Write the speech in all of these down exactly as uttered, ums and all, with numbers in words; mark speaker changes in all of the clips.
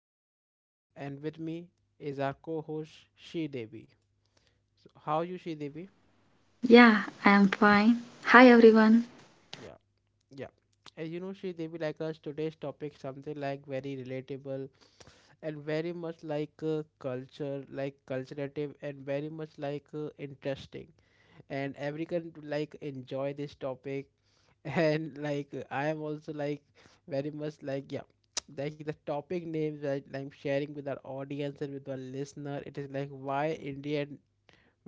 Speaker 1: Satyam, and with me is our co-host Shri Devi. So, how are you, Shri Devi?
Speaker 2: Yeah, I am fine. Hi everyone.
Speaker 1: Yeah, yeah. And you know, Shri Devi, like us, today's topic something like very relatable and very much like uh, culture, like culturative and very much like uh, interesting. And everyone like enjoy this topic and like I am also like very much like yeah like the topic names that i'm like, sharing with our audience and with our listener, it is like, why Indian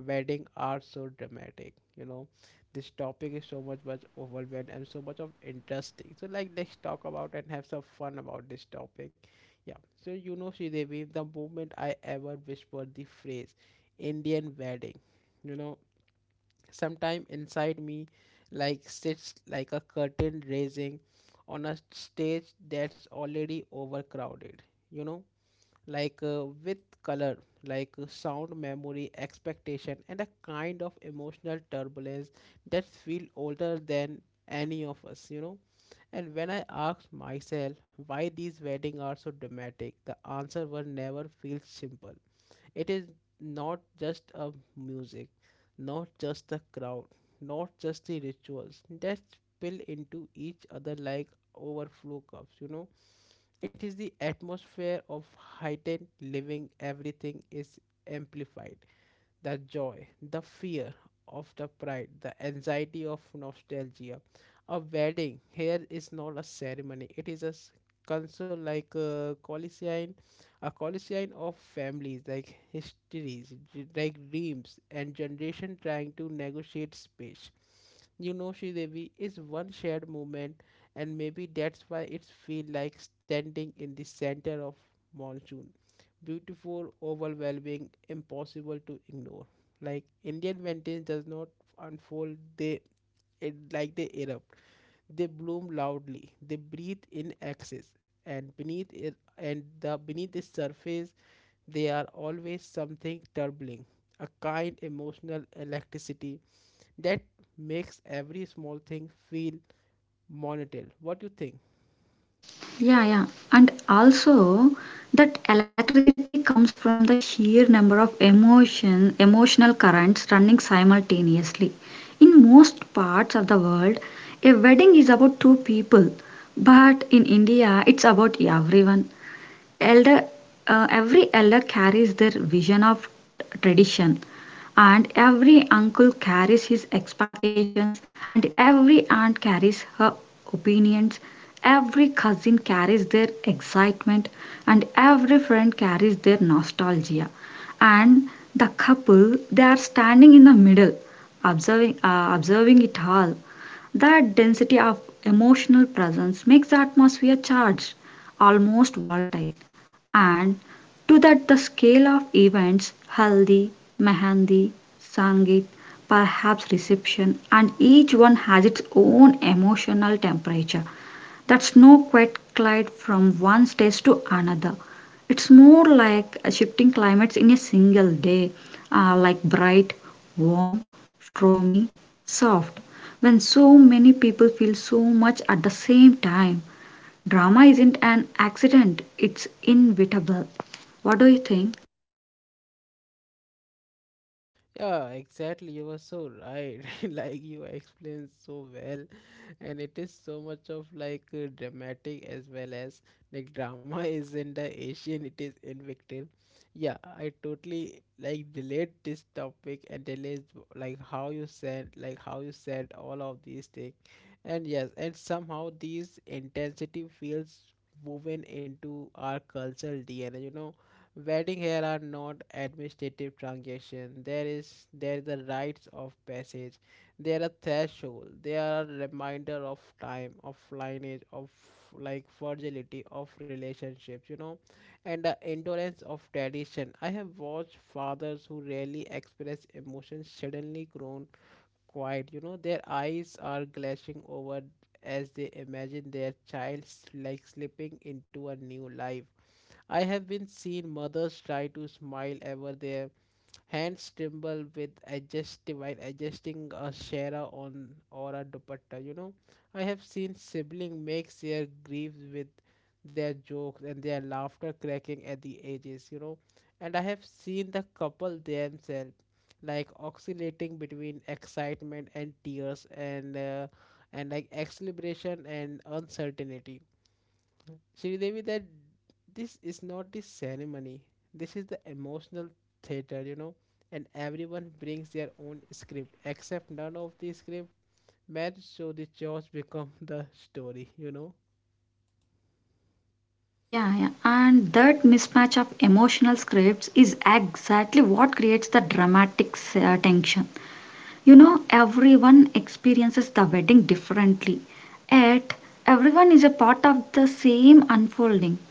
Speaker 1: wedding are so dramatic, you know? This topic is so much much overwhelmed and so much of interesting, so like let's talk about and have some fun about this topic. Yeah. So you know, Sridevi, the moment I ever whispered the phrase Indian wedding, you know, sometime inside me, like sits like a curtain raising on a stage that's already overcrowded. You know, like uh, with color, like uh, sound, memory, expectation, and a kind of emotional turbulence that feel older than any of us. You know, and when I asked myself why these weddings are so dramatic, the answer was never feels simple. It is not just a music, not just the crowd, not just the rituals that spill into each other like overflow cups, you know. It is the atmosphere of heightened living, everything is amplified, the joy, the fear of the pride, the anxiety of nostalgia. A wedding here is not a ceremony, it is a s- council like a Colosseum, a Colosseum of families, like histories, d- like dreams, and generation trying to negotiate space. You know, Sri Devi is one shared moment, and maybe that's why it feels like standing in the center of monsoon, beautiful, overwhelming, impossible to ignore. Like Indian mountains does not unfold; they it, like they erupt. They bloom loudly. They breathe in excess, and beneath it, and the beneath the surface, they are always something troubling, a kind emotional electricity that makes every small thing feel monumental. What do you think?
Speaker 2: Yeah, yeah. And also that electricity comes from the sheer number of emotion emotional currents running simultaneously. In most parts of the world, a wedding is about two people, but in India it's about everyone. Elder uh, every elder carries their vision of tradition. And every uncle carries his expectations, and every aunt carries her opinions, every cousin carries their excitement, and every friend carries their nostalgia. And the couple, they are standing in the middle, observing, uh, observing it all. That density of emotional presence makes the atmosphere charged, almost volatile, and to that the scale of events, haldi, mehendi, sangit, perhaps reception, and each one has its own emotional temperature that's no quite glide from one stage to another. It's more like a shifting climates in a single day. Uh, like bright, warm, stormy, soft, when so many people feel so much at the same time, drama isn't an accident, it's inevitable. What do you think?
Speaker 1: Yeah, exactly. You were so right. Like you explained so well, and it is so much of like uh, dramatic as well as like drama is in the Asian. It is in Victim. Yeah, I totally like relate this topic and relate like how you said, like how you said all of these things, and yes, and somehow these intensity feels woven into our cultural D N A. You know, wedding here are not administrative transactions. There is there is a rites of passage. They are a threshold. They are a reminder of time, of lineage, of like fragility of relationships, you know, and the endurance of tradition. I have watched fathers who rarely express emotions suddenly grown quiet. You know, their eyes are glazing over as they imagine their child like slipping into a new life. I have been seen mothers try to smile ever their hands tremble with adjust while adjusting a shara on or a dupatta. You know, I have seen sibling makes their griefs with their jokes and their laughter cracking at the edges. You know, and I have seen the couple themselves like oscillating between excitement and tears and uh, and like exhilaration and uncertainty. Sridevi, that this is not the ceremony. This is the emotional theater, you know, and everyone brings their own script, except none of the script match, so the chores become the story, you know.
Speaker 2: Yeah, yeah. And that mismatch of emotional scripts is exactly what creates the dramatic uh, tension. You know, everyone experiences the wedding differently. Yet, everyone is a part of the same unfolding.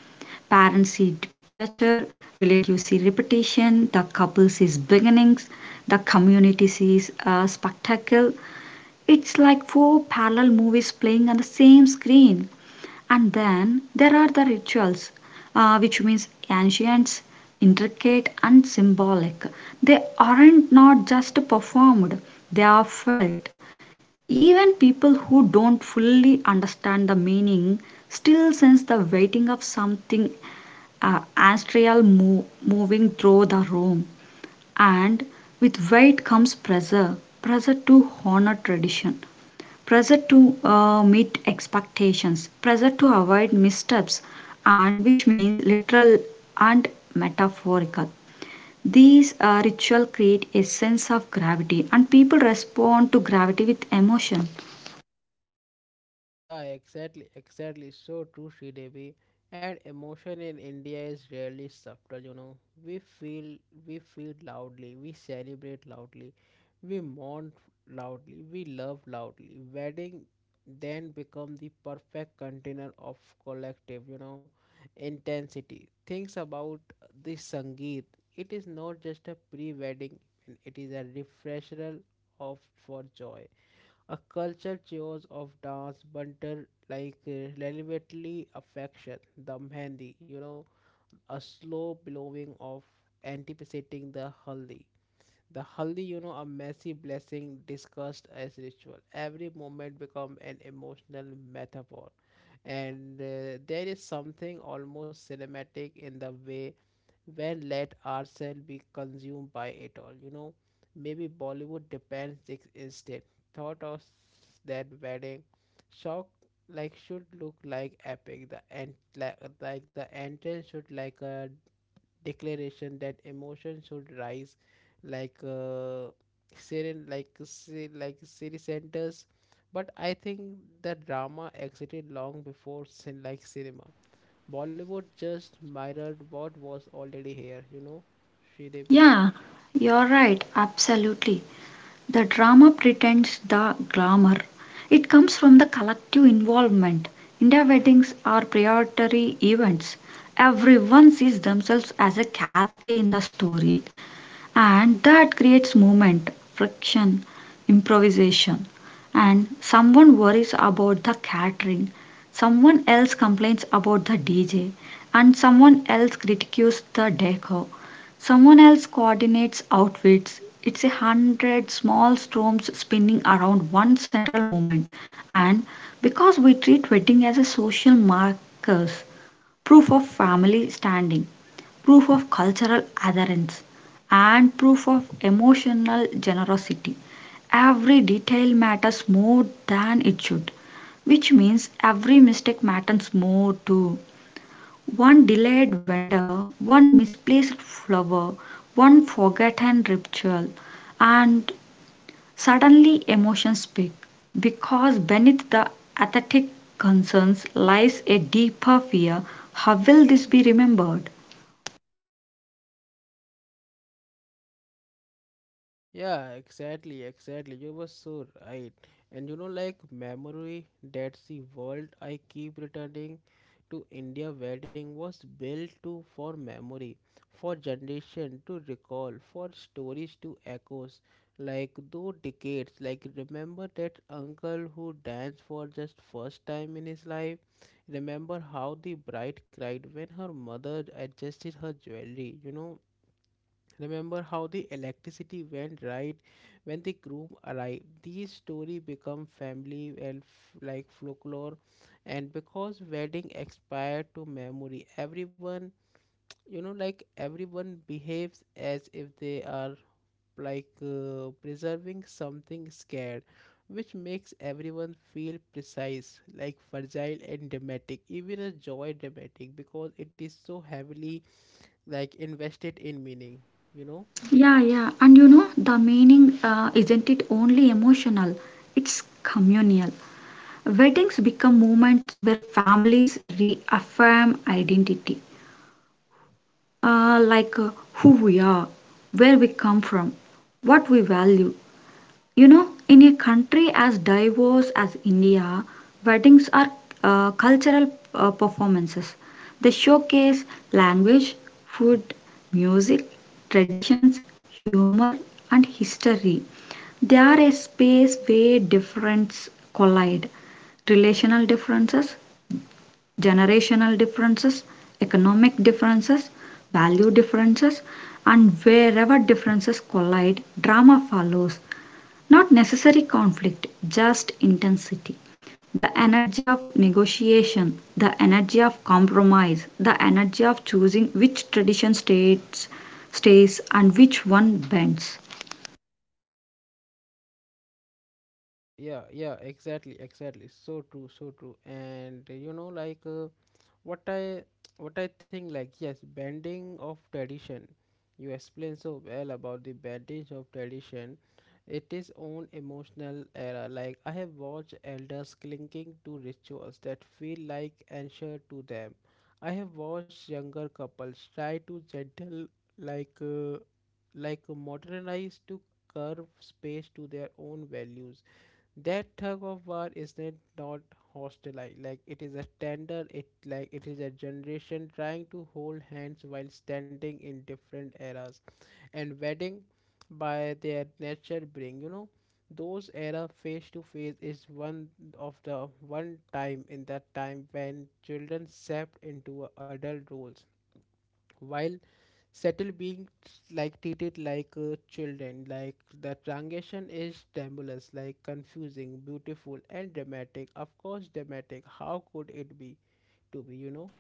Speaker 2: Parents see departure, relatives see repetition, the couple sees beginnings, the community sees a spectacle. It's like four parallel movies playing on the same screen. And then there are the rituals, uh, which means ancient, intricate, and symbolic. They aren't not just performed; they are felt. Even people who don't fully understand the meaning still sense the weighting of something uh, ancestral mo- moving through the room. And with weight comes pressure, pressure to honor tradition, pressure to uh, meet expectations, pressure to avoid missteps, and which means literal and metaphorical. These uh, ritual create a sense of gravity, and people respond to gravity with emotion.
Speaker 1: Yeah, exactly, exactly. So true, Sridevi. And emotion in India is rarely subtle, you know. We feel we feel loudly, we celebrate loudly, we mourn loudly, we love loudly. Wedding then become the perfect container of collective, you know, intensity. Things about the Sangeet. It is not just a pre-wedding, it is a refresher of for joy. A culture chose of dance banter like uh, relevantly affection, the mehndi, you know, a slow blowing of anticipating the haldi. The haldi, you know, a messy blessing discussed as ritual. Every moment become an emotional metaphor. And uh, there is something almost cinematic in the way when let ourselves be consumed by it all, you know. Maybe Bollywood depends ex- instead thought of s- that wedding shock like should look like epic, the and like, like the entrance should like a declaration that emotion should rise like uh serene like se- like city centers. But I think the drama exited long before sin like cinema. Bollywood just mirrored what was already here, you know, Sridevi.
Speaker 2: Yeah, you're right, absolutely. The drama pretends the glamour. It comes from the collective involvement. India weddings are priority events. Everyone sees themselves as a character in the story, and that creates movement, friction, improvisation. And someone worries about the catering, someone else complains about the D J, and someone else critiques the decor, someone else coordinates outfits. It's a hundred small storms spinning around one central moment, and because we treat wedding as a social markers, proof of family standing, proof of cultural adherence, and proof of emotional generosity. Every detail matters more than it should, which means every mistake matters more too. One delayed vendor, one misplaced flower, one forgotten ritual, and suddenly emotions speak, because beneath the aesthetic concerns lies a deeper fear: how will this be remembered?
Speaker 1: Yeah, exactly, exactly. You were so right. And you know, like memory, that's the world I keep returning to. India wedding was built to for memory, for generation to recall, for stories to echoes. Like though decades, like remember that uncle who danced for just first time in his life. Remember how the bride cried when her mother adjusted her jewelry, you know. Remember how the electricity went right when the groom arrived. These story become family and f- like folklore, and because wedding expired to memory, everyone, you know, like everyone behaves as if they are like uh, preserving something scared, which makes everyone feel precise, like fragile and dramatic, even a joy dramatic because it is so heavily like invested in meaning. You know.
Speaker 2: Yeah, yeah. And you know, the meaning uh, isn't it only emotional, it's communal. Weddings become moments where families reaffirm identity, uh, like uh, who we are, where we come from, what we value, you know. In a country as diverse as India, weddings are uh, cultural uh, performances. They showcase language, food, music, traditions, humor, and history. They are a space where difference collide. Relational differences, generational differences, economic differences, value differences, and wherever differences collide, drama follows. Not necessary conflict, just intensity. The energy of negotiation, the energy of compromise, the energy of choosing which tradition stays, stays and which one bends.
Speaker 1: Uh, yeah, yeah, exactly, exactly. So true, so true. And uh, you know, like uh, what I what I think, like yes, bending of tradition. You explain so well about the bending of tradition. It is own emotional era. Like I have watched elders clinging to rituals that feel like answer to them. I have watched younger couples try to gentle like uh, like modernize to curve space to their own values. That tug of war is not not hostile like like, it is a tender it like it is a generation trying to hold hands while standing in different eras, and wedding by their nature bring, you know, those era face to face. Is one of the one time in that time when children stepped into adult roles while settle being like treated like uh, children. Like the transition is tremulous, like confusing, beautiful, and dramatic. Of course dramatic, how could it be to be, you know?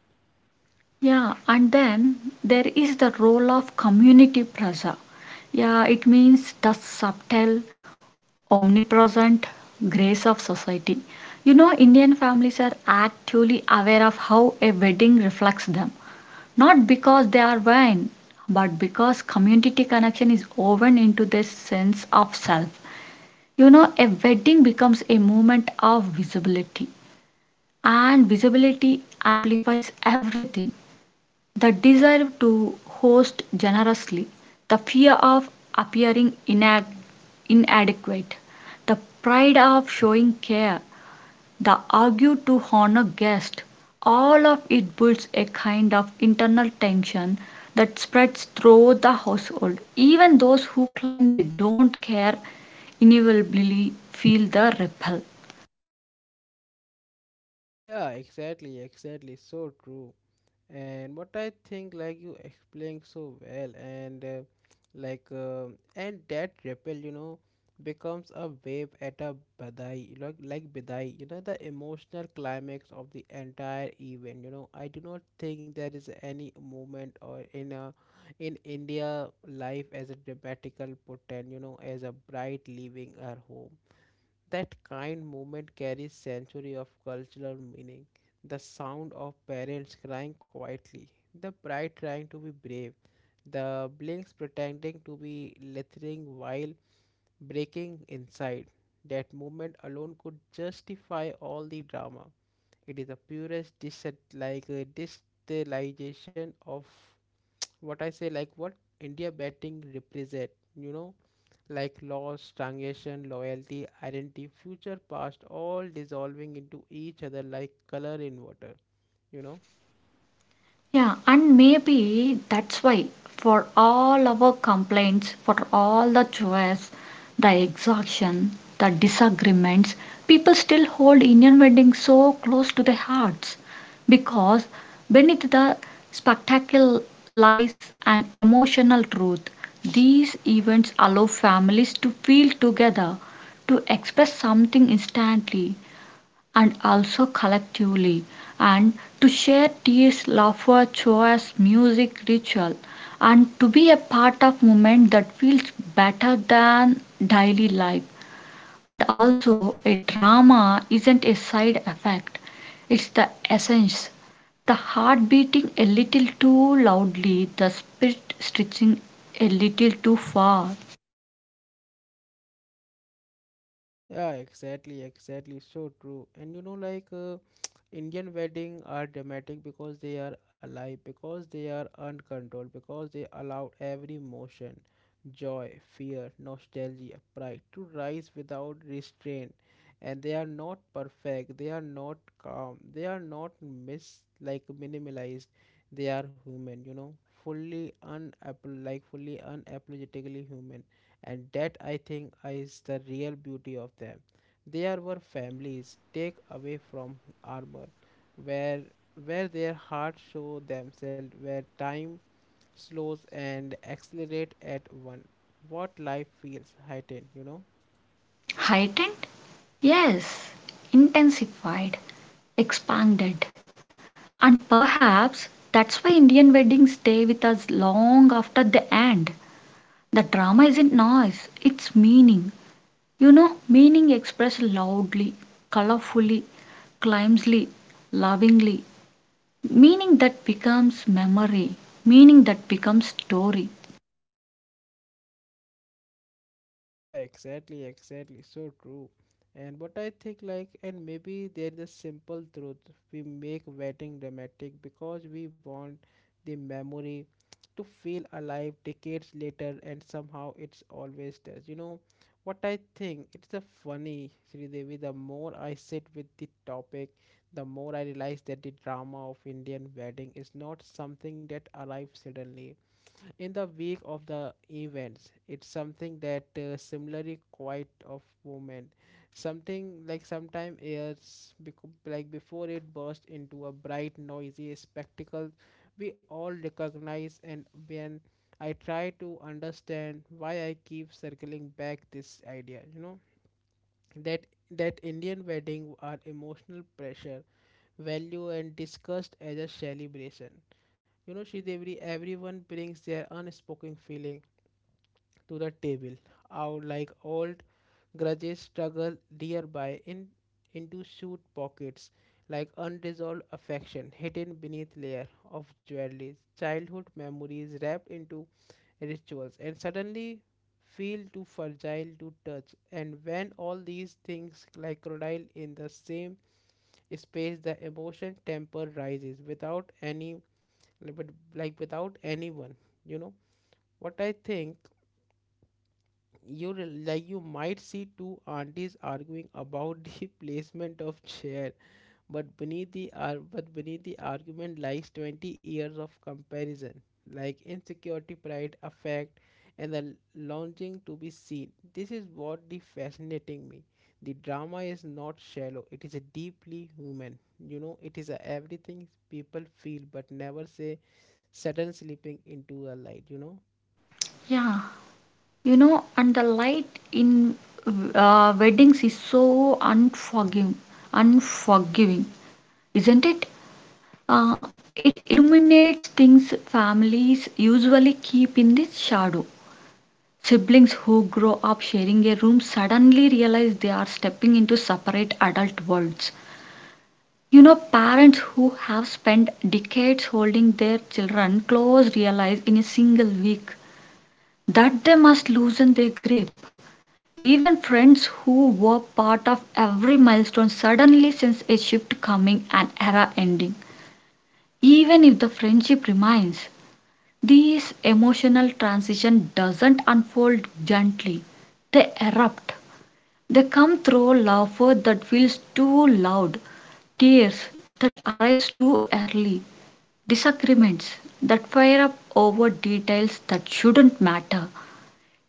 Speaker 2: Yeah, and then there is the role of community plaza. Yeah, it means the subtle, omnipresent grace of society. You know, Indian families are actually aware of how a wedding reflects them, not because they are vain, but because community connection is woven into their sense of self. You know, a wedding becomes a moment of visibility, and visibility amplifies everything. The desire to host generously, the fear of appearing inadequate, the pride of showing care, the argue to honor guest, all of it builds a kind of internal tension that spreads through the household. Even those who claim they don't care inevitably feel the ripple.
Speaker 1: Yeah, exactly, exactly, so true. And what I think, like you explained so well, and uh, like um and that ripple, you know, becomes a wave at a badai, like like badai, you know, the emotional climax of the entire event. You know, I do not think there is any moment or in a in India life as a dramatical portend, you know, as a bride leaving her home. That kind moment carries century of cultural meaning. The sound of parents crying quietly, the bride trying to be brave, the blinks pretending to be littering while breaking inside. That moment alone could justify all the drama. It is the purest dis- like a distillation of what I say, like what India batting represent. You know, like loss, stagnation, loyalty, identity, future, past, all dissolving into each other like color in water, you know?
Speaker 2: Yeah, and maybe that's why, for all our complaints, for all the choice, the exhaustion, the disagreements, people still hold Indian weddings so close to their hearts, because beneath the spectacle lies an emotional truth. These events allow families to feel together, to express something instantly, and also collectively, and to share tears, laughter, chores, music, ritual, and to be a part of movement that feels better than daily life. And also, a drama isn't a side effect; it's the essence. The heart beating a little too loudly, the spirit stretching a little too far.
Speaker 1: Yeah, exactly, exactly. So true. And you know, like uh, Indian wedding are dramatic because they are alive, because they are uncontrolled, because they allow every emotion, joy, fear, nostalgia, pride to rise without restraint. And they are not perfect. They are not calm. They are not mis like minimalized. They are human. You know, fully unapple like fully unapologetically human, and that I think is the real beauty of them. They are our families, take away from armor, where where their hearts show themselves, where time slows and accelerate at one. What life feels heightened, you know?
Speaker 2: Heightened? Yes. Intensified. Expanded. And perhaps that's why Indian weddings stay with us long after they end. The drama isn't noise, it's meaning. You know, meaning expressed loudly, colorfully, climbsly, lovingly. Meaning that becomes memory, meaning that becomes story.
Speaker 1: Yeah, exactly, exactly. So true. And what I think, like, and maybe there's a simple truth, we make wedding dramatic because we want the memory to feel alive decades later, and somehow it's always does. You know what I think? It's a funny, Sridevi. The more I sit with the topic, the more I realize that the drama of Indian wedding is not something that arrives suddenly in the wake of the events, it's something that uh, similarly quite of movement, something like sometime airs becau- like before it burst into a bright noisy spectacle we all recognize. And when I try to understand why, I keep circling back this idea, you know, that that Indian wedding are emotional pressure value and discussed as a celebration. You know, Sridevi, everyone brings their unspoken feeling to the table, out like old grudges struggle nearby in into suit pockets like unresolved affection hidden beneath layer of jewelry childhood memories wrapped into rituals and suddenly feel too fragile to touch and when all these things like crocodile in the same space the emotion temper rises without any but like without anyone you know what I think you re- like you might see two aunties arguing about the placement of chair but beneath the ar- but beneath the argument lies twenty years of comparison, like insecurity, pride, affect, and the longing to be seen. This is what the fascinating me. The drama is not shallow; it is a deeply human. You know, it is a everything people feel but never say. Sudden slipping into a light. You know.
Speaker 2: Yeah, you know, and the light in uh, weddings is so unforgiving, unforgiving, isn't it? Uh, it illuminates things families usually keep in the shadow. Siblings who grow up sharing a room suddenly realize they are stepping into separate adult worlds. You know, parents who have spent decades holding their children close realize in a single week that they must loosen their grip. Even friends who were part of every milestone suddenly sense a shift coming, an era ending. Even if the friendship remains, these emotional transition doesn't unfold gently. They erupt. They come through laughter that feels too loud, tears that arrives too early, disagreements that fire up over details that shouldn't matter.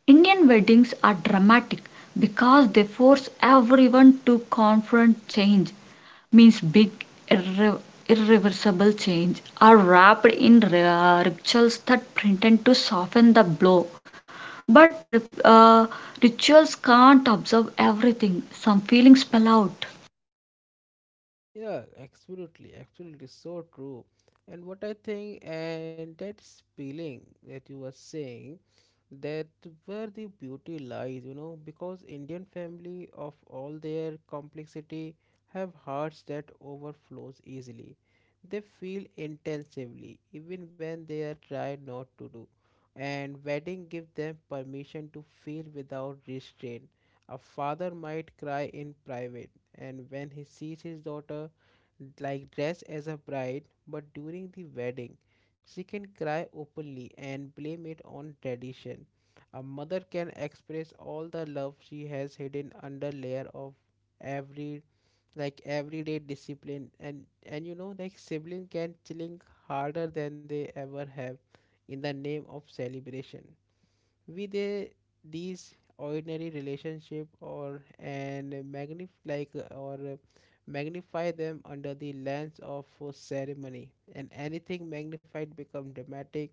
Speaker 2: Indian weddings are dramatic because they force everyone to confront change, means big irre- irreversible change are wrapped in ri- rituals that pretend to soften the blow, but ri- uh, rituals can't absorb everything, some feelings spill out.
Speaker 1: Yeah, absolutely, absolutely, so true. And what I think, and that feeling that you were saying, that where the beauty lies, you know, because Indian family of all their complexity have hearts that overflows easily. They feel intensively, even when they are tried not to do. And wedding give them permission to feel without restraint. A father might cry in private and when he sees his daughter like dressed as a bride, but during the wedding, she can cry openly and blame it on tradition. A mother can express all the love she has hidden under layer of every like everyday discipline and and you know like sibling can chilling harder than they ever have in the name of celebration with uh, these ordinary relationship or and magnif like uh, or uh, magnify them under the lens of uh, ceremony and anything magnified become dramatic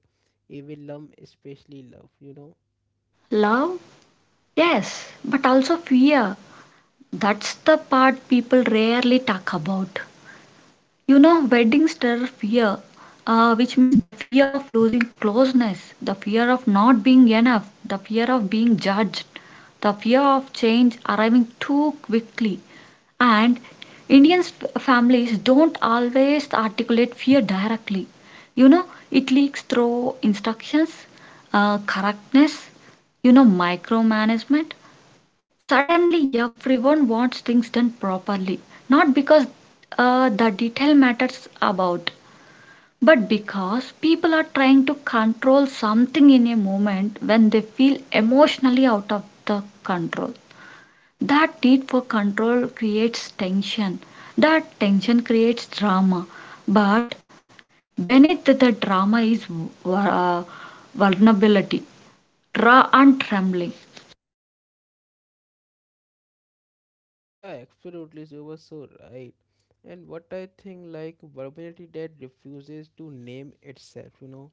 Speaker 1: even love especially love you know
Speaker 2: Love, yes, but also fear. That's the part people rarely talk about. You know, weddings stir fear, uh, which means the fear of losing closeness, the fear of not being enough, the fear of being judged, the fear of change arriving too quickly. And Indian f- families don't always articulate fear directly. You know, it leaks through instructions, uh, correctness, you know, micromanagement. Suddenly, everyone wants things done properly, not because uh, the detail matters about, but because people are trying to control something in a moment when they feel emotionally out of the control. That need for control creates tension. That tension creates drama. But beneath the drama is uh, vulnerability, raw and trembling.
Speaker 1: yeah absolutely so you were so right and what I think like vulnerability that refuses to name itself you know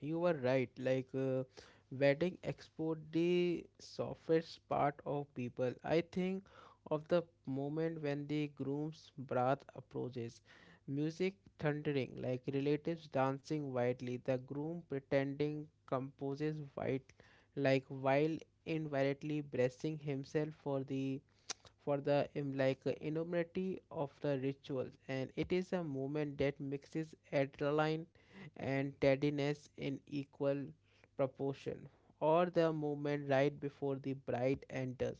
Speaker 1: You were right. Like uh, wedding export the softest part of people. I think of the moment when the groom's breath approaches, music thundering, like relatives dancing wildly, the groom pretending composes white, like while inwardly bracing himself for the for the um, like uh, enormity of the rituals and it is a movement that mixes adrenaline and tardiness in equal proportion or the movement right before the bride enters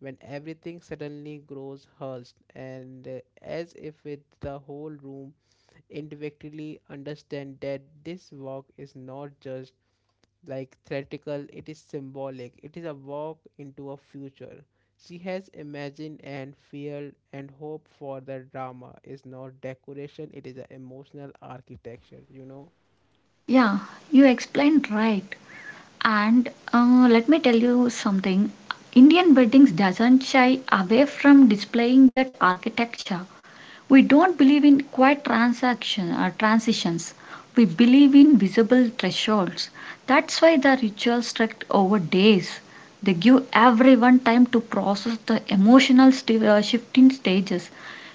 Speaker 1: when everything suddenly grows hushed and uh, as if with the whole room individually understand that this walk is not just like theatrical, it is symbolic, it is a walk into a future. She has imagined and feared and hoped for the drama is not decoration, it is an emotional architecture, you know.
Speaker 2: Yeah, you explained right. And uh, let me tell you something. Indian weddings doesn't shy away from displaying that architecture. We don't believe in quiet transaction or transitions. We believe in visible thresholds. That's why the rituals stretch over days. They give everyone time to process the emotional sti- uh, shift in stages.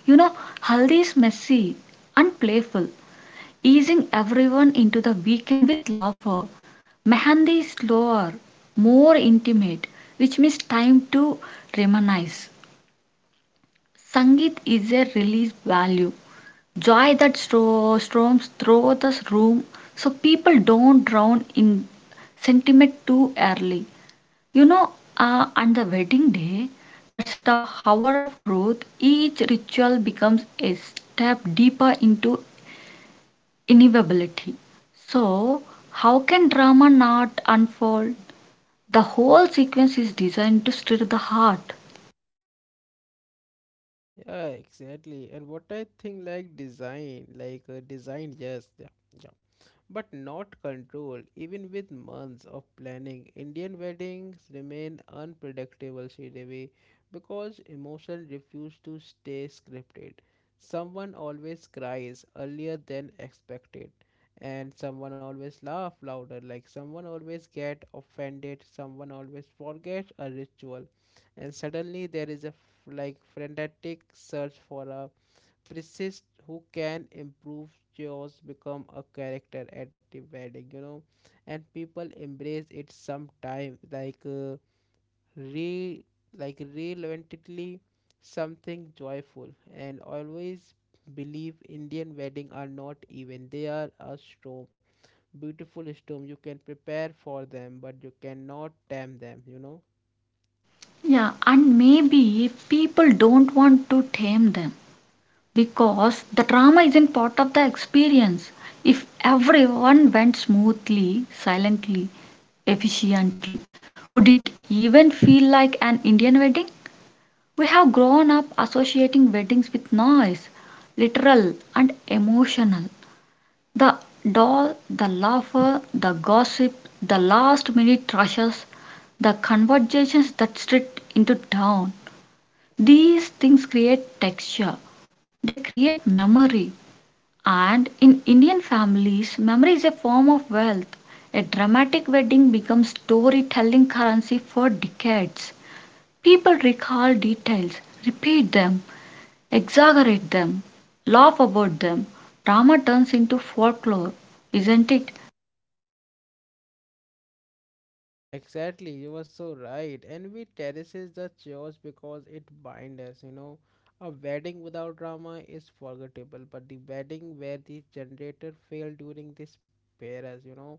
Speaker 2: You know, haldi is messy and playful, easing everyone into the weekend with laughter. Mehandi is slower, more intimate, which means time to reminisce. Sangeet is a release value, joy that storms through the room so people don't drown in sentiment too early. You know, uh, on the wedding day, that's the hour of truth, each ritual becomes a step deeper into inevitability. So, how can drama not unfold? The whole sequence is designed to stir the heart.
Speaker 1: Yeah, exactly. And what I think like design, like uh, design, yes, yeah, but not control. Even with months of planning, Indian weddings remain unpredictable, Sridevi, because emotion refuse to stay scripted. Someone always cries earlier than expected, and someone always laugh louder. Like someone always get offended, someone always forgets a ritual, and suddenly there is a f- like frenetic search for a Persist who can improve yours become a character at the wedding, you know, and people embrace it sometime like uh, re like relentlessly something joyful and always believe Indian wedding are not even they are a storm beautiful storm you can prepare for them but you cannot tame them you know
Speaker 2: Yeah, and maybe people don't want to tame them because the drama isn't part of the experience. If everyone went smoothly, silently, efficiently, would it even feel like an Indian wedding? We have grown up associating weddings with noise, literal and emotional. The doll, the laughter, the gossip, the last minute rushes, the conversations that street into town, these things create texture, they create memory. And in Indian families, memory is a form of wealth. A dramatic wedding becomes storytelling currency for decades. People recall details, repeat them, exaggerate them, laugh about them. Drama turns into folklore, isn't it?
Speaker 1: Exactly, you were so right. Envy terraces the church because it binds us, you know. A wedding without drama is forgettable, but the wedding where the generator failed during this paras, you know,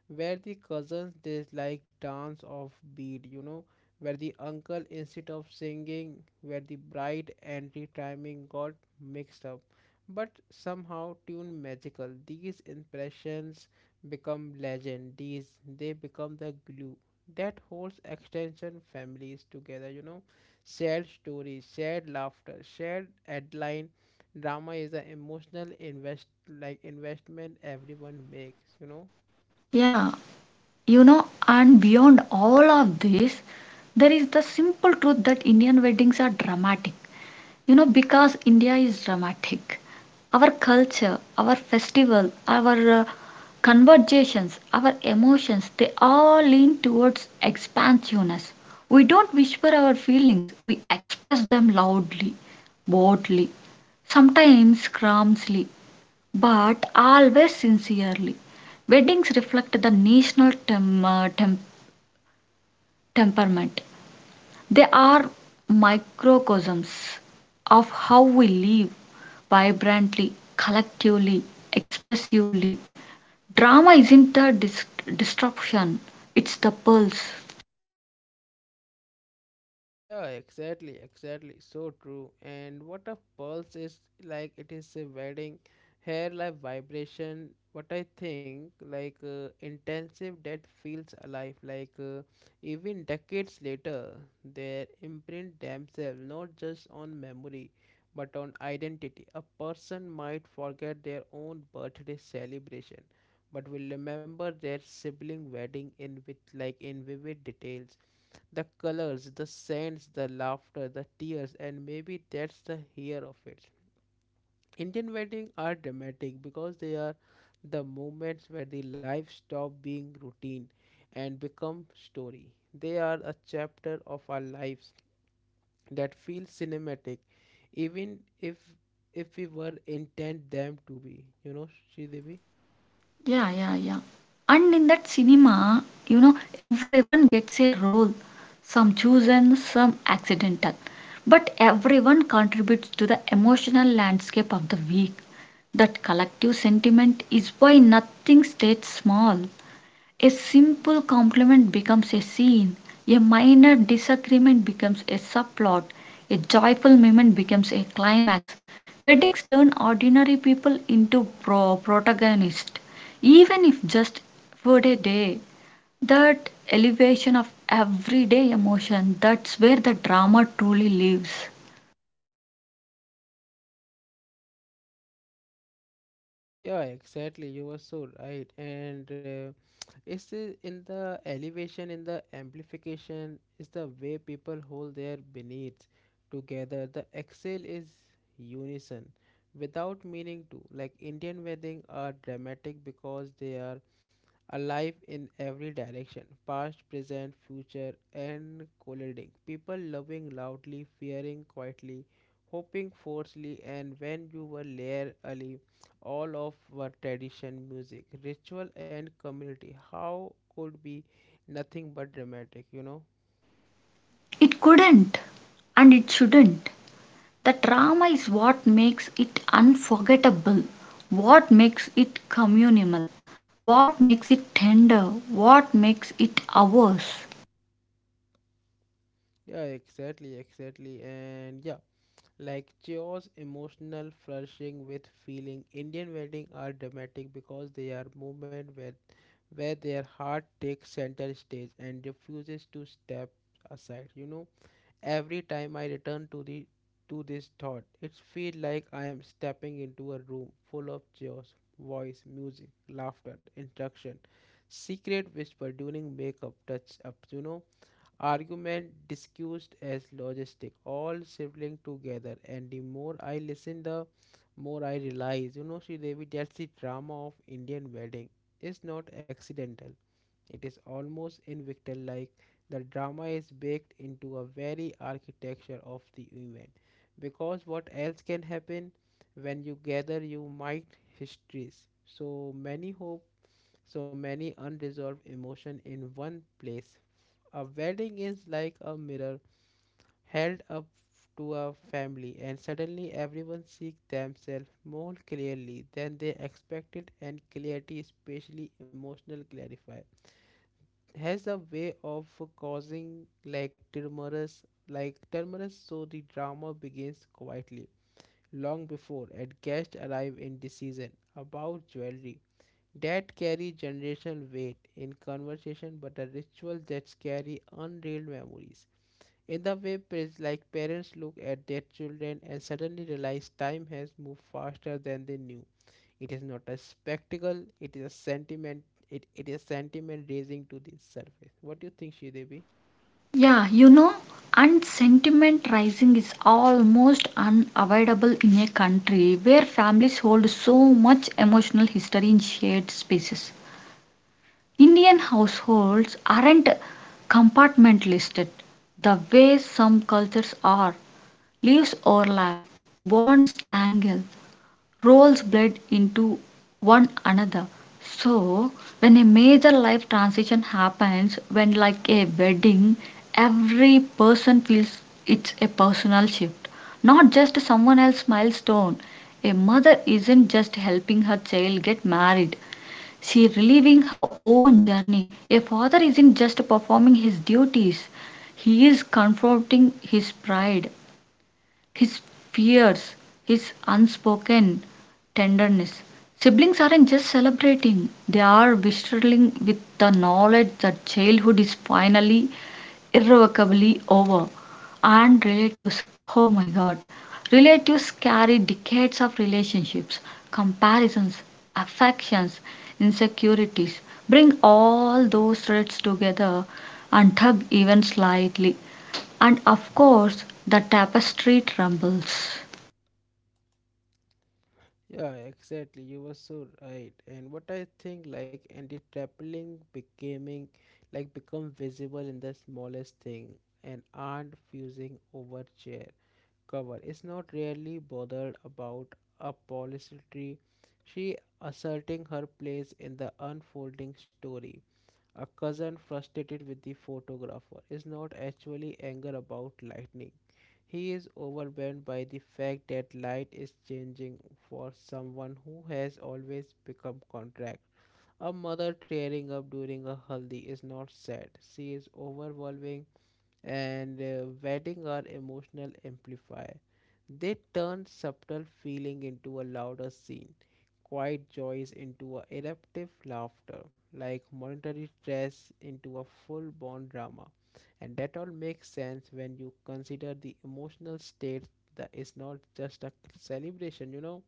Speaker 1: where the cousins dislike dance of beat, you know, where the uncle instead of singing, where the bride entry timing got mixed up, but somehow tune magical. These impressions become legend. These they become the glue that holds extension families together you know shared stories shared laughter shared headline drama is an emotional invest like investment everyone makes you know
Speaker 2: Yeah, you know, and beyond all of this, there is the simple truth that Indian weddings are dramatic. You know, because India is dramatic. Our culture, our festival, our uh, conversations, our emotions, they all lean towards expansiveness. We don't whisper our feelings, we express them loudly, boldly, sometimes clumsily, but always sincerely. Weddings reflect the national tem- uh, tem- temperament. They are microcosms of how we live vibrantly, collectively, expressively. Drama isn't the dis- disruption, it's the pulse.
Speaker 1: Yeah, exactly, exactly. So true. And what a pulse is like it is a wedding hair like vibration. What I think like uh, intensive that feels alive. Like uh, even decades later, their imprint themselves not just on memory but on identity. A person might forget their own birthday celebration, but will remember their sibling wedding in with like in vivid details the colors, the scents, the laughter, the tears, and maybe that's the here of it. Indian weddings are dramatic because they are the moments where the life stop being routine and become story. They are a chapter of our lives that feels cinematic, even if if we were intent them to be. You know, Sridevi?
Speaker 2: Yeah, yeah, yeah. And in that cinema, you know, everyone gets a role, some chosen, some accidental. But everyone contributes to the emotional landscape of the week. That collective sentiment is why nothing stays small. A simple compliment becomes a scene, a minor disagreement becomes a subplot, a joyful moment becomes a climax. Weddings turn ordinary people into pro- protagonists, even if just for a day. That elevation of everyday emotion, that's where the drama truly lives.
Speaker 1: Yeah, exactly. You were so right. And uh, it's i- in the elevation, in the amplification, is the way people hold their beneath together. The exhale is unison without meaning to. Like Indian wedding are dramatic because they are alive in every direction past, present, future, and colliding. People loving loudly, fearing quietly, hoping forcefully, and when you were there early, all of were tradition, music, ritual, and community. How could be nothing but dramatic, you know?
Speaker 2: It couldn't, and it shouldn't. The drama is what makes it unforgettable, what makes it communal, what makes it tender, what makes it ours.
Speaker 1: Yeah, exactly, exactly, and yeah. Like chaos, emotional, flourishing with feeling. Indian weddings are dramatic because they are movement where, where their heart takes center stage and refuses to step aside. You know, every time I return to the to this thought, it feels like I am stepping into a room full of chaos, voice, music, laughter, instruction, secret whisper during makeup touch ups. You know argument discussed as logistic, all sibling together, and the more I listen, the more I realize, you know, Sri Devi, that's the drama of Indian wedding. It's not accidental. It is almost invictal, like the drama is baked into a very architecture of the event. Because what else can happen when you gather? You might histories. So many hope, so many unresolved emotion in one place. A wedding is like a mirror held up to a family, and suddenly everyone sees themselves more clearly than they expected, and clarity, especially emotional clarify, has a way of causing like tremors, like tremors, so the drama begins quietly long before and guests arrive in decision about jewelry that carry generational weight in conversation but a ritual that carry unreal memories in the way, parents- like parents look at their children and suddenly realize time has moved faster than they knew. It is not a spectacle; it is a sentiment. It, it is sentiment raising to the surface. What do you think, Sridevi?
Speaker 2: Yeah, you know, and sentiment rising is almost unavoidable in a country where families hold so much emotional history in shared spaces. Indian households aren't compartmentalisted the way some cultures are. Leaves overlap, bonds tangle, roles bled into one another. So, when a major life transition happens, when like a wedding, every person feels it's a personal shift, not just someone else's milestone. A mother isn't just helping her child get married, she reliving her own journey. A father isn't just performing his duties, he is confronting his pride his fears, his unspoken tenderness. Siblings aren't just celebrating, they are bristling with the knowledge that childhood is finally irrevocably over. And relatives, oh my god, relatives carry decades of relationships, comparisons, affections, insecurities. Bring all those threads together and tug even slightly and of course the tapestry trembles.
Speaker 1: Yeah, exactly. You were so right. And what I think, like, and the trappling becoming, like, become visible in the smallest thing. An aunt fusing over chair, cover is not really bothered about a polycity. She asserting her place in the unfolding story. A cousin frustrated with the photographer is not actually anger about lightning. He is overwhelmed by the fact that light is changing for someone who has always become contract. A mother tearing up during a haldi is not sad. She is overwhelming and uh, wedding are emotional amplifier. They turn subtle feeling into a louder scene, quiet joys into a eruptive laughter, like monetary stress into a full-born drama. And that all makes sense when you consider the emotional state that is not just a celebration, you know,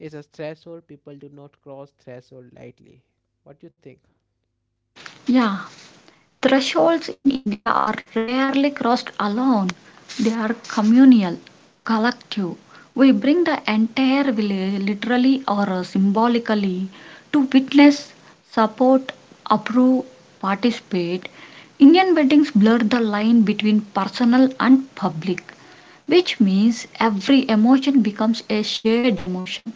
Speaker 1: it's a threshold people do not cross threshold lightly. What do you think?
Speaker 2: Yeah, thresholds in India are rarely crossed alone. They are communal, collective. We bring the entire village, literally or symbolically, to witness, support, approve, participate. Indian weddings blur the line between personal and public, which means every emotion becomes a shared emotion.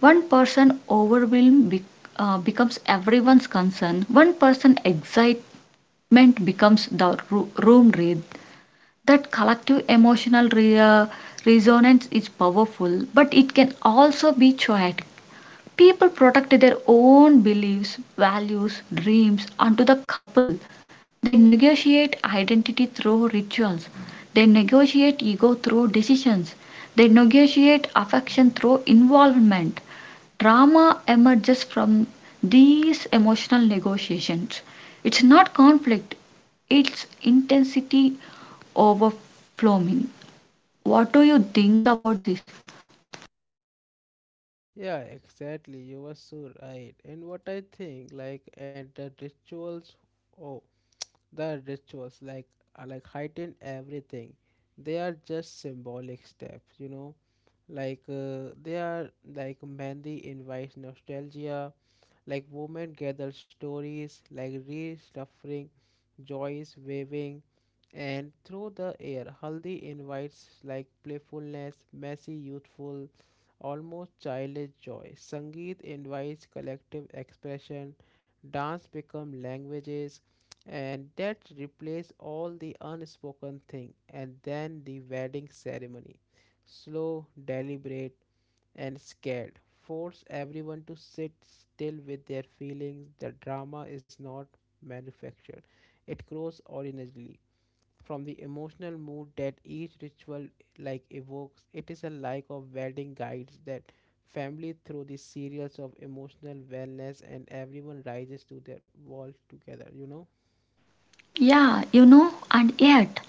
Speaker 2: One person overwhelmed bec- uh, becomes everyone's concern. One person excited movement becomes the ro- room rate. That collective emotional re- uh, resonance is powerful, but it can also be chaotic. People protect their own beliefs, values, dreams onto the couple they negotiate identity through rituals. They negotiate ego through decisions. They negotiate affection through involvement. Drama emerges from these emotional negotiations. It's not conflict, it's intensity overflowing. What do you think about this?
Speaker 1: Yeah, exactly. You were so right. And what I think, like, and the rituals, oh, the rituals, like, are like heighten everything. They are just symbolic steps, you know. Like, uh, they are like Mandy invites nostalgia, like, women gather stories, like, restuffing Joyce waving, and through the air, Haldi invites like playfulness, messy, youthful, almost childish joy. Sangeet invites collective expression, dance become languages, and that replace all the unspoken thing. And then the wedding ceremony, slow, deliberate, and scared. Force everyone to sit still with their feelings. The drama is not manufactured, it grows originally from the emotional mood that each ritual like evokes. It is a like of wedding guides that family through the serials of emotional wellness and everyone rises to their walls together you know
Speaker 2: Yeah, you know, and yet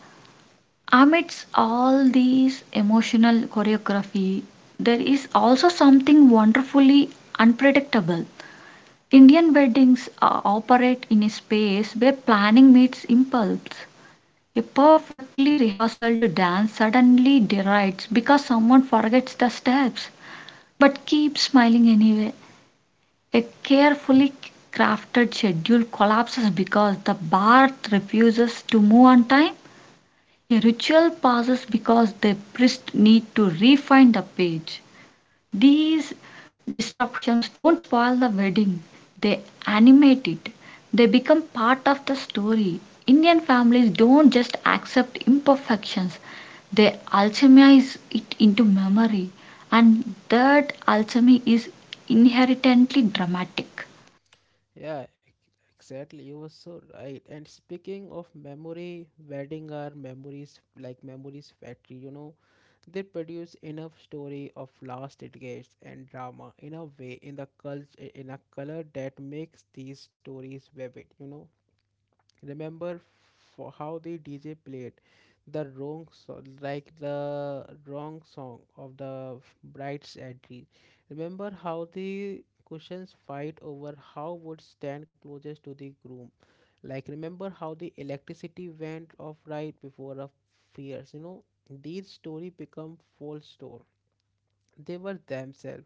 Speaker 2: amidst all these emotional choreography, there is also something wonderfully unpredictable. Indian weddings uh, operate in a space where planning meets impulse. A perfectly rehearsed dance suddenly derides because someone forgets the steps but keeps smiling anyway. A carefully crafted schedule collapses because the bar refuses to move on time a ritual passes because the priest need to refine the page. These disruptions don't spoil the wedding, they animate it. They become part of the story. Indian families don't just accept imperfections, they alchemize it into memory, and that alchemy is inherently dramatic.
Speaker 1: yeah exactly, you were so right. And speaking of memory, wedding are memories like memories factory, you know. They produce enough story of lost decades and drama in a way in the cult in a color that makes these stories vivid, you know. Remember for how the D J played the wrong so- like the wrong song of the f- bride's entry. Remember how the cushions fight over how would stand closest to the groom. Like remember how the electricity went off right before a fierce. You know these story become false store. They were themselves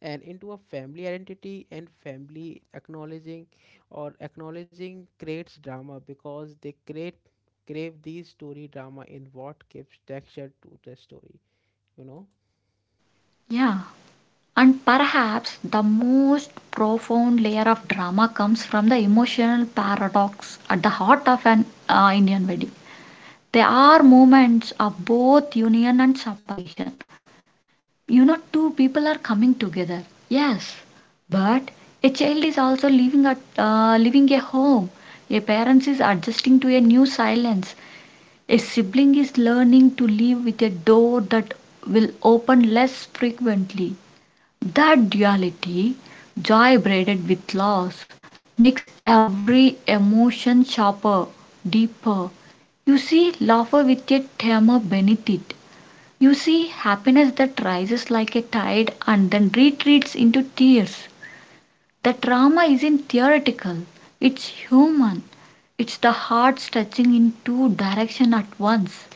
Speaker 1: and into a family identity and family acknowledging or acknowledging creates drama because they create crave these story drama in what gives texture to the story, you know?
Speaker 2: Yeah. And perhaps the most profound layer of drama comes from the emotional paradox at the heart of an uh, Indian wedding. There are moments of both union and separation. You know, two people are coming together, yes, but a child is also leaving at uh, leaving a home. A parent is adjusting to a new silence. A sibling is learning to live with a door that will open less frequently. That duality, joy braided with loss, makes every emotion sharper, deeper. You see laughter with a tremor beneath it. You see happiness that rises like a tide and then retreats into tears. The drama isn't theoretical, it's human. It's the heart stretching in two directions at once.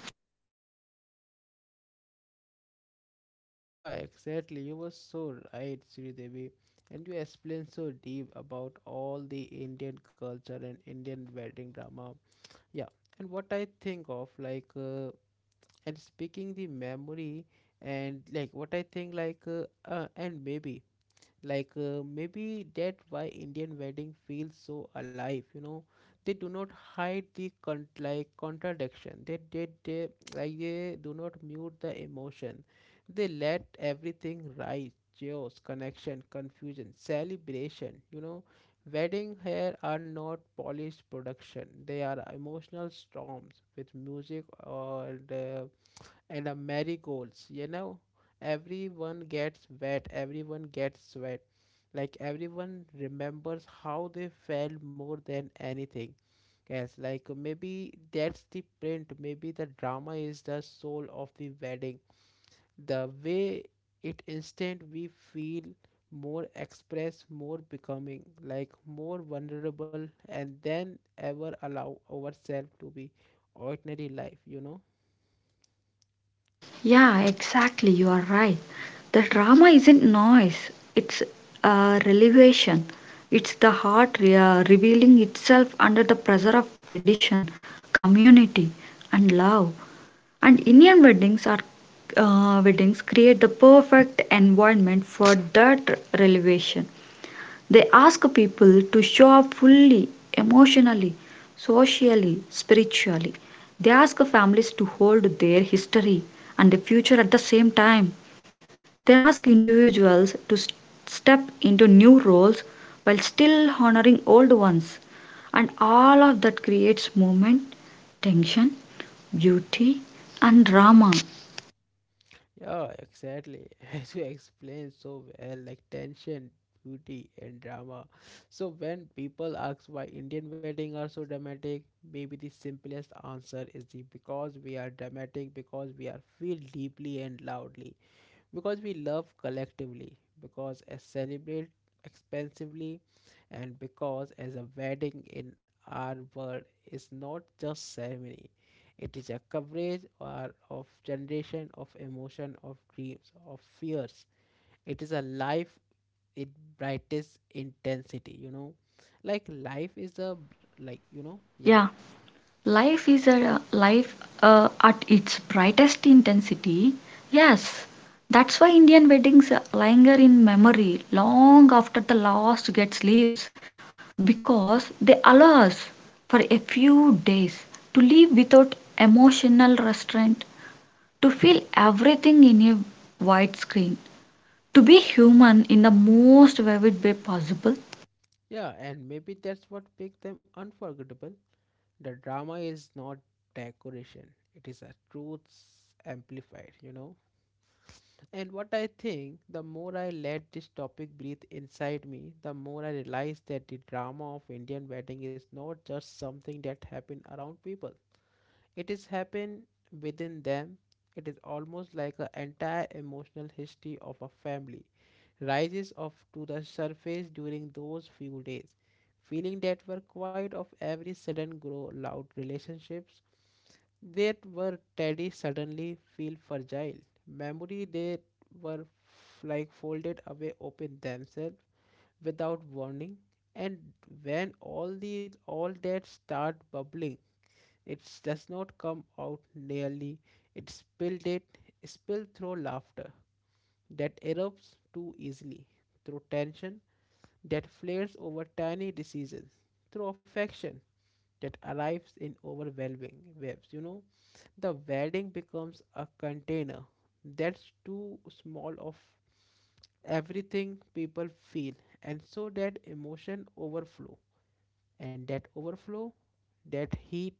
Speaker 1: Yeah, exactly, you were so right, Sridevi, and you explained so deep about all the Indian culture and Indian wedding drama. Yeah, and what I think of like uh, and speaking the memory, and like what I think like uh, uh, and maybe like uh, maybe that why Indian wedding feels so alive, you know? They do not hide the con- like contradiction, they did they, like they do not mute the emotion, they let everything rise, chaos, connection, confusion, celebration, you know? Wedding here are not polished production, they are emotional storms with music or the and a marigolds, you know? Everyone gets wet, everyone gets wet Like everyone remembers how they felt more than anything. Yes, like maybe that's the print, maybe the drama is the soul of the wedding. The way it instant we feel more express, more becoming, like more vulnerable and then ever allow ourselves to be ordinary life, you know?
Speaker 2: Yeah, exactly. You are right. The drama isn't noise, it's a revelation. It's the heart re- uh, revealing itself under the pressure of tradition, community, and love. And Indian weddings are uh, weddings create the perfect environment for that revelation. They ask people to show up fully, emotionally, socially, spiritually. They ask families to hold their history and the future at the same time. They ask individuals to s- step into new roles while still honoring old ones. And all of that creates movement, tension, beauty, and drama.
Speaker 1: Yeah, exactly. As you explained so well, like tension, beauty, and drama. So when people ask why Indian weddings are so dramatic, maybe the simplest answer is the because we are dramatic, because we are feel deeply and loudly, because we love collectively, because as celebrate expensively, and because as a wedding in our world is not just ceremony, it is a coverage or of generation of emotion of dreams of fears. It is a life in brightest intensity. You know, like life is a br- like you know yeah.
Speaker 2: Yeah. Life is a life uh, at its brightest intensity. Yes, that's why Indian weddings linger in memory long after the last guest leaves because they allow us for a few days to live without emotional restraint, to feel everything in a widescreen, to be human in the most vivid way possible.
Speaker 1: Yeah, and maybe that's what makes them unforgettable. The drama is not decoration, it is a truth amplified, you know. And what I think, the more I let this topic breathe inside me, the more I realize that the drama of Indian wedding is not just something that happen around people, it is happen within them. It is almost like an entire emotional history of a family rises up to the surface during those few days, feeling that were quite of every sudden grow loud relationships, there were Teddy suddenly feel fragile. Memory they were f- like folded away open themselves without warning. And when all these all that start bubbling, it does not come out nearly. It spilled it spilled through laughter that erupts too easily, through tension that flares over tiny diseases, through affection that arrives in overwhelming waves, you know? The wedding becomes a container that's too small of everything people feel, and so that emotion overflow, and that overflow, that heat,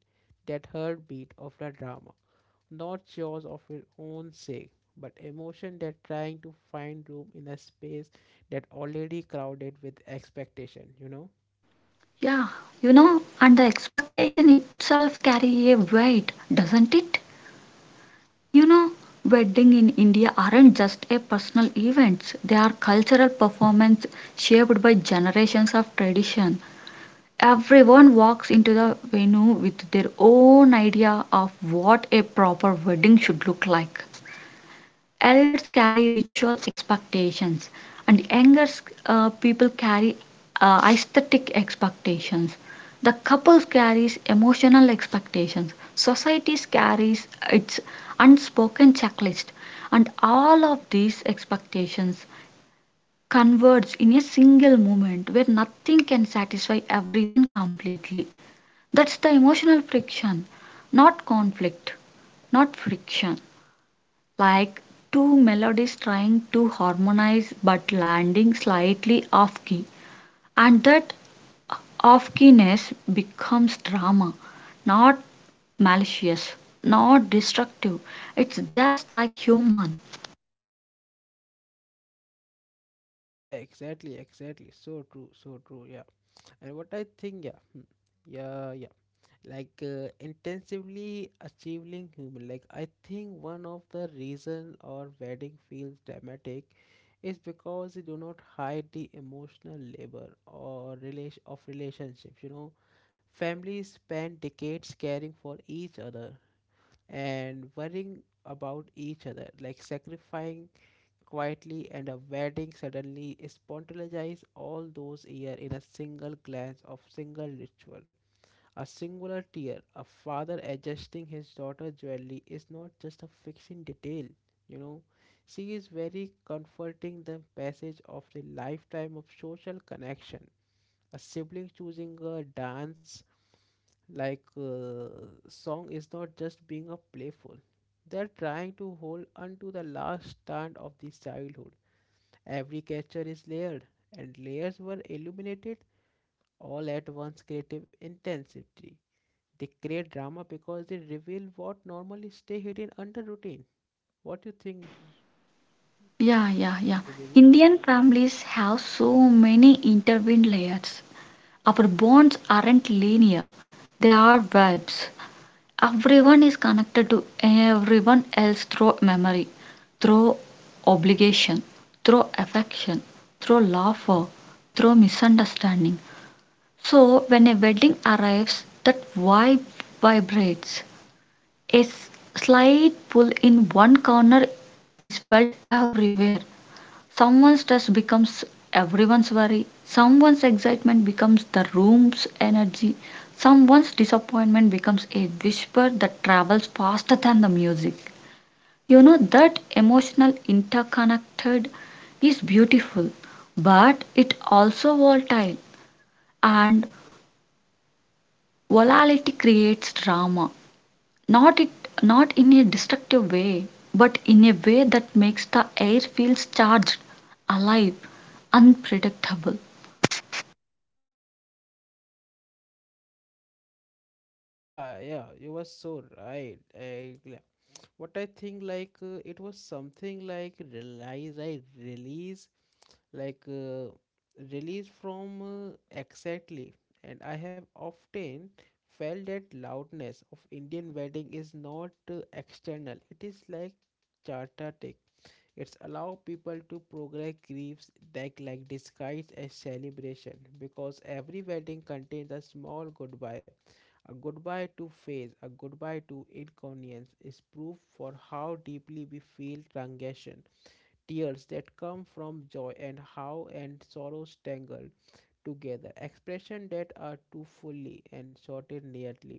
Speaker 1: that heartbeat of the drama, not yours of your own sake, but emotion that trying to find room in a space that already crowded with expectation, you know?
Speaker 2: Yeah, you know, and the expectation itself carry a weight, doesn't it? You know, wedding in India aren't just a personal events. They are cultural performance shaped by generations of tradition. Everyone walks into the venue with their own idea of what a proper wedding should look like. Elders carry ritual expectations, and younger uh, people carry uh, aesthetic expectations. The couple carries emotional expectations. Society carries its unspoken checklist, and all of these expectations converge in a single moment where nothing can satisfy everyone completely. That's the emotional friction, not conflict, not friction like two melodies trying to harmonize but landing slightly off key. And that off keyness becomes drama, not malicious, not destructive. It's just like human.
Speaker 1: Yeah, exactly, exactly, so true, so true, yeah. And what I think, yeah, hmm, yeah, yeah, like uh, intensively achieving human, like I think one of the reason our wedding feels dramatic is because they do not hide the emotional labor or relation of relationships, you know? Families spend decades caring for each other and worrying about each other, like sacrificing quietly, and a wedding suddenly spontaneizes all those years in a single glance of single ritual, a singular tear. A father adjusting his daughter's jewelry is not just a fixing detail, you know. She is very comforting the passage of the lifetime of social connection. A sibling choosing a dance like uh, song is not just being a playful. They are trying to hold onto the last stand of this childhood. Every catcher is layered, and layers were illuminated all at once creative intensity. They create drama because they reveal what normally stay hidden under routine. What do you think,
Speaker 2: Yeah, yeah, yeah.
Speaker 1: Shri Devi?
Speaker 2: Indian families have so many intertwined layers. Our bonds aren't linear, they are webs. Everyone is connected to everyone else through memory, through obligation, through affection, through laughter, through misunderstanding. So, when a wedding arrives, that vibe vibrates. A slight pull in one corner is felt everywhere. Someone's stress becomes everyone's worry, someone's excitement becomes the room's energy, someone's disappointment becomes a whisper that travels faster than the music. You know, that emotional interconnected is beautiful, but it also volatile and volatility creates drama. Not it Not in a destructive way, but in a way that makes the air feels charged, alive, unpredictable.
Speaker 1: Yeah, yeah, you were so right. I, yeah. What I think, like, uh, it was something like realize, I release, like, uh, release from uh, exactly. And I have often felt that loudness of Indian wedding is not uh, external, it is like charter. It's allow people to progress griefs that like disguise as celebration, because every wedding contains a small goodbye, a goodbye to phase, a goodbye to inconvenience is proof for how deeply we feel transition, tears that come from joy and how and sorrows tangled together, expression that are too fully and sorted neatly,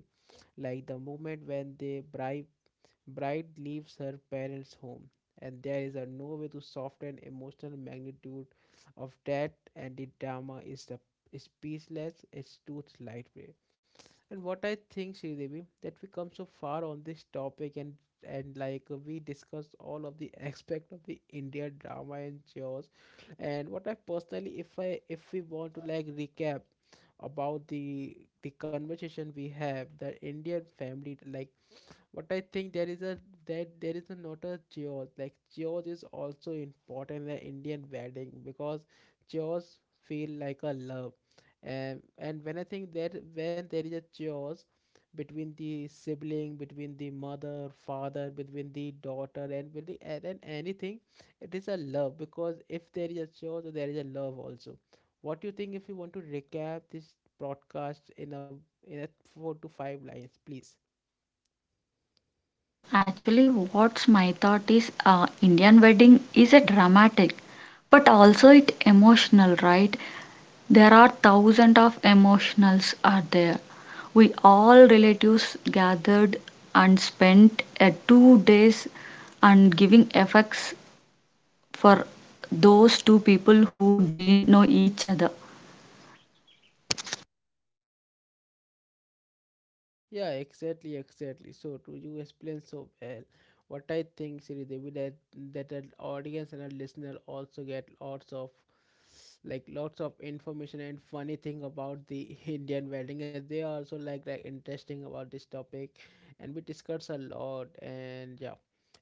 Speaker 1: like the moment when the bride Bride leaves her parents' home, and there is a no way to soften emotional magnitude of that, and the drama is the is speechless, it's too light. lightweight. And what I think, Sridevi, that we come so far on this topic, and and like uh, we discussed all of the aspect of the India drama and chores. And what I personally, if I if we want to like recap about the the conversation we have, that Indian family like but I think there is a that there is a not a chaos, like chaos is also important in the Indian wedding, because chaos feel like a love. And and when I think that when there is a chaos between the sibling, between the mother, father, between the daughter and with the and, and anything, it is a love, because if there is a chaos there is a love also. What do you think, if you want to recap this broadcast in a in a four to five lines, please?
Speaker 2: Yeah, actually, what's my thought is uh, Indian wedding is a dramatic, but also it emotional, right? There are thousands of emotionals are there. We all relatives gathered and spent uh, two days and giving effects for those two people who didn't know each other.
Speaker 1: Yeah, exactly, exactly. So to you explain so well, what I think, Sridevi, that that an audience and a listener also get lots of like lots of information and funny thing about the Indian wedding as they are also like like interesting about this topic, and we discuss a lot, and yeah,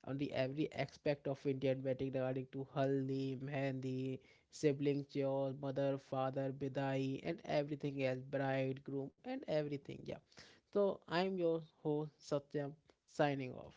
Speaker 1: on the every aspect of Indian wedding regarding to haldi, mehndi, siblings, your mother, father, bidai and everything else, bride, groom and everything. Yeah, so I'm your host Satyam, signing off.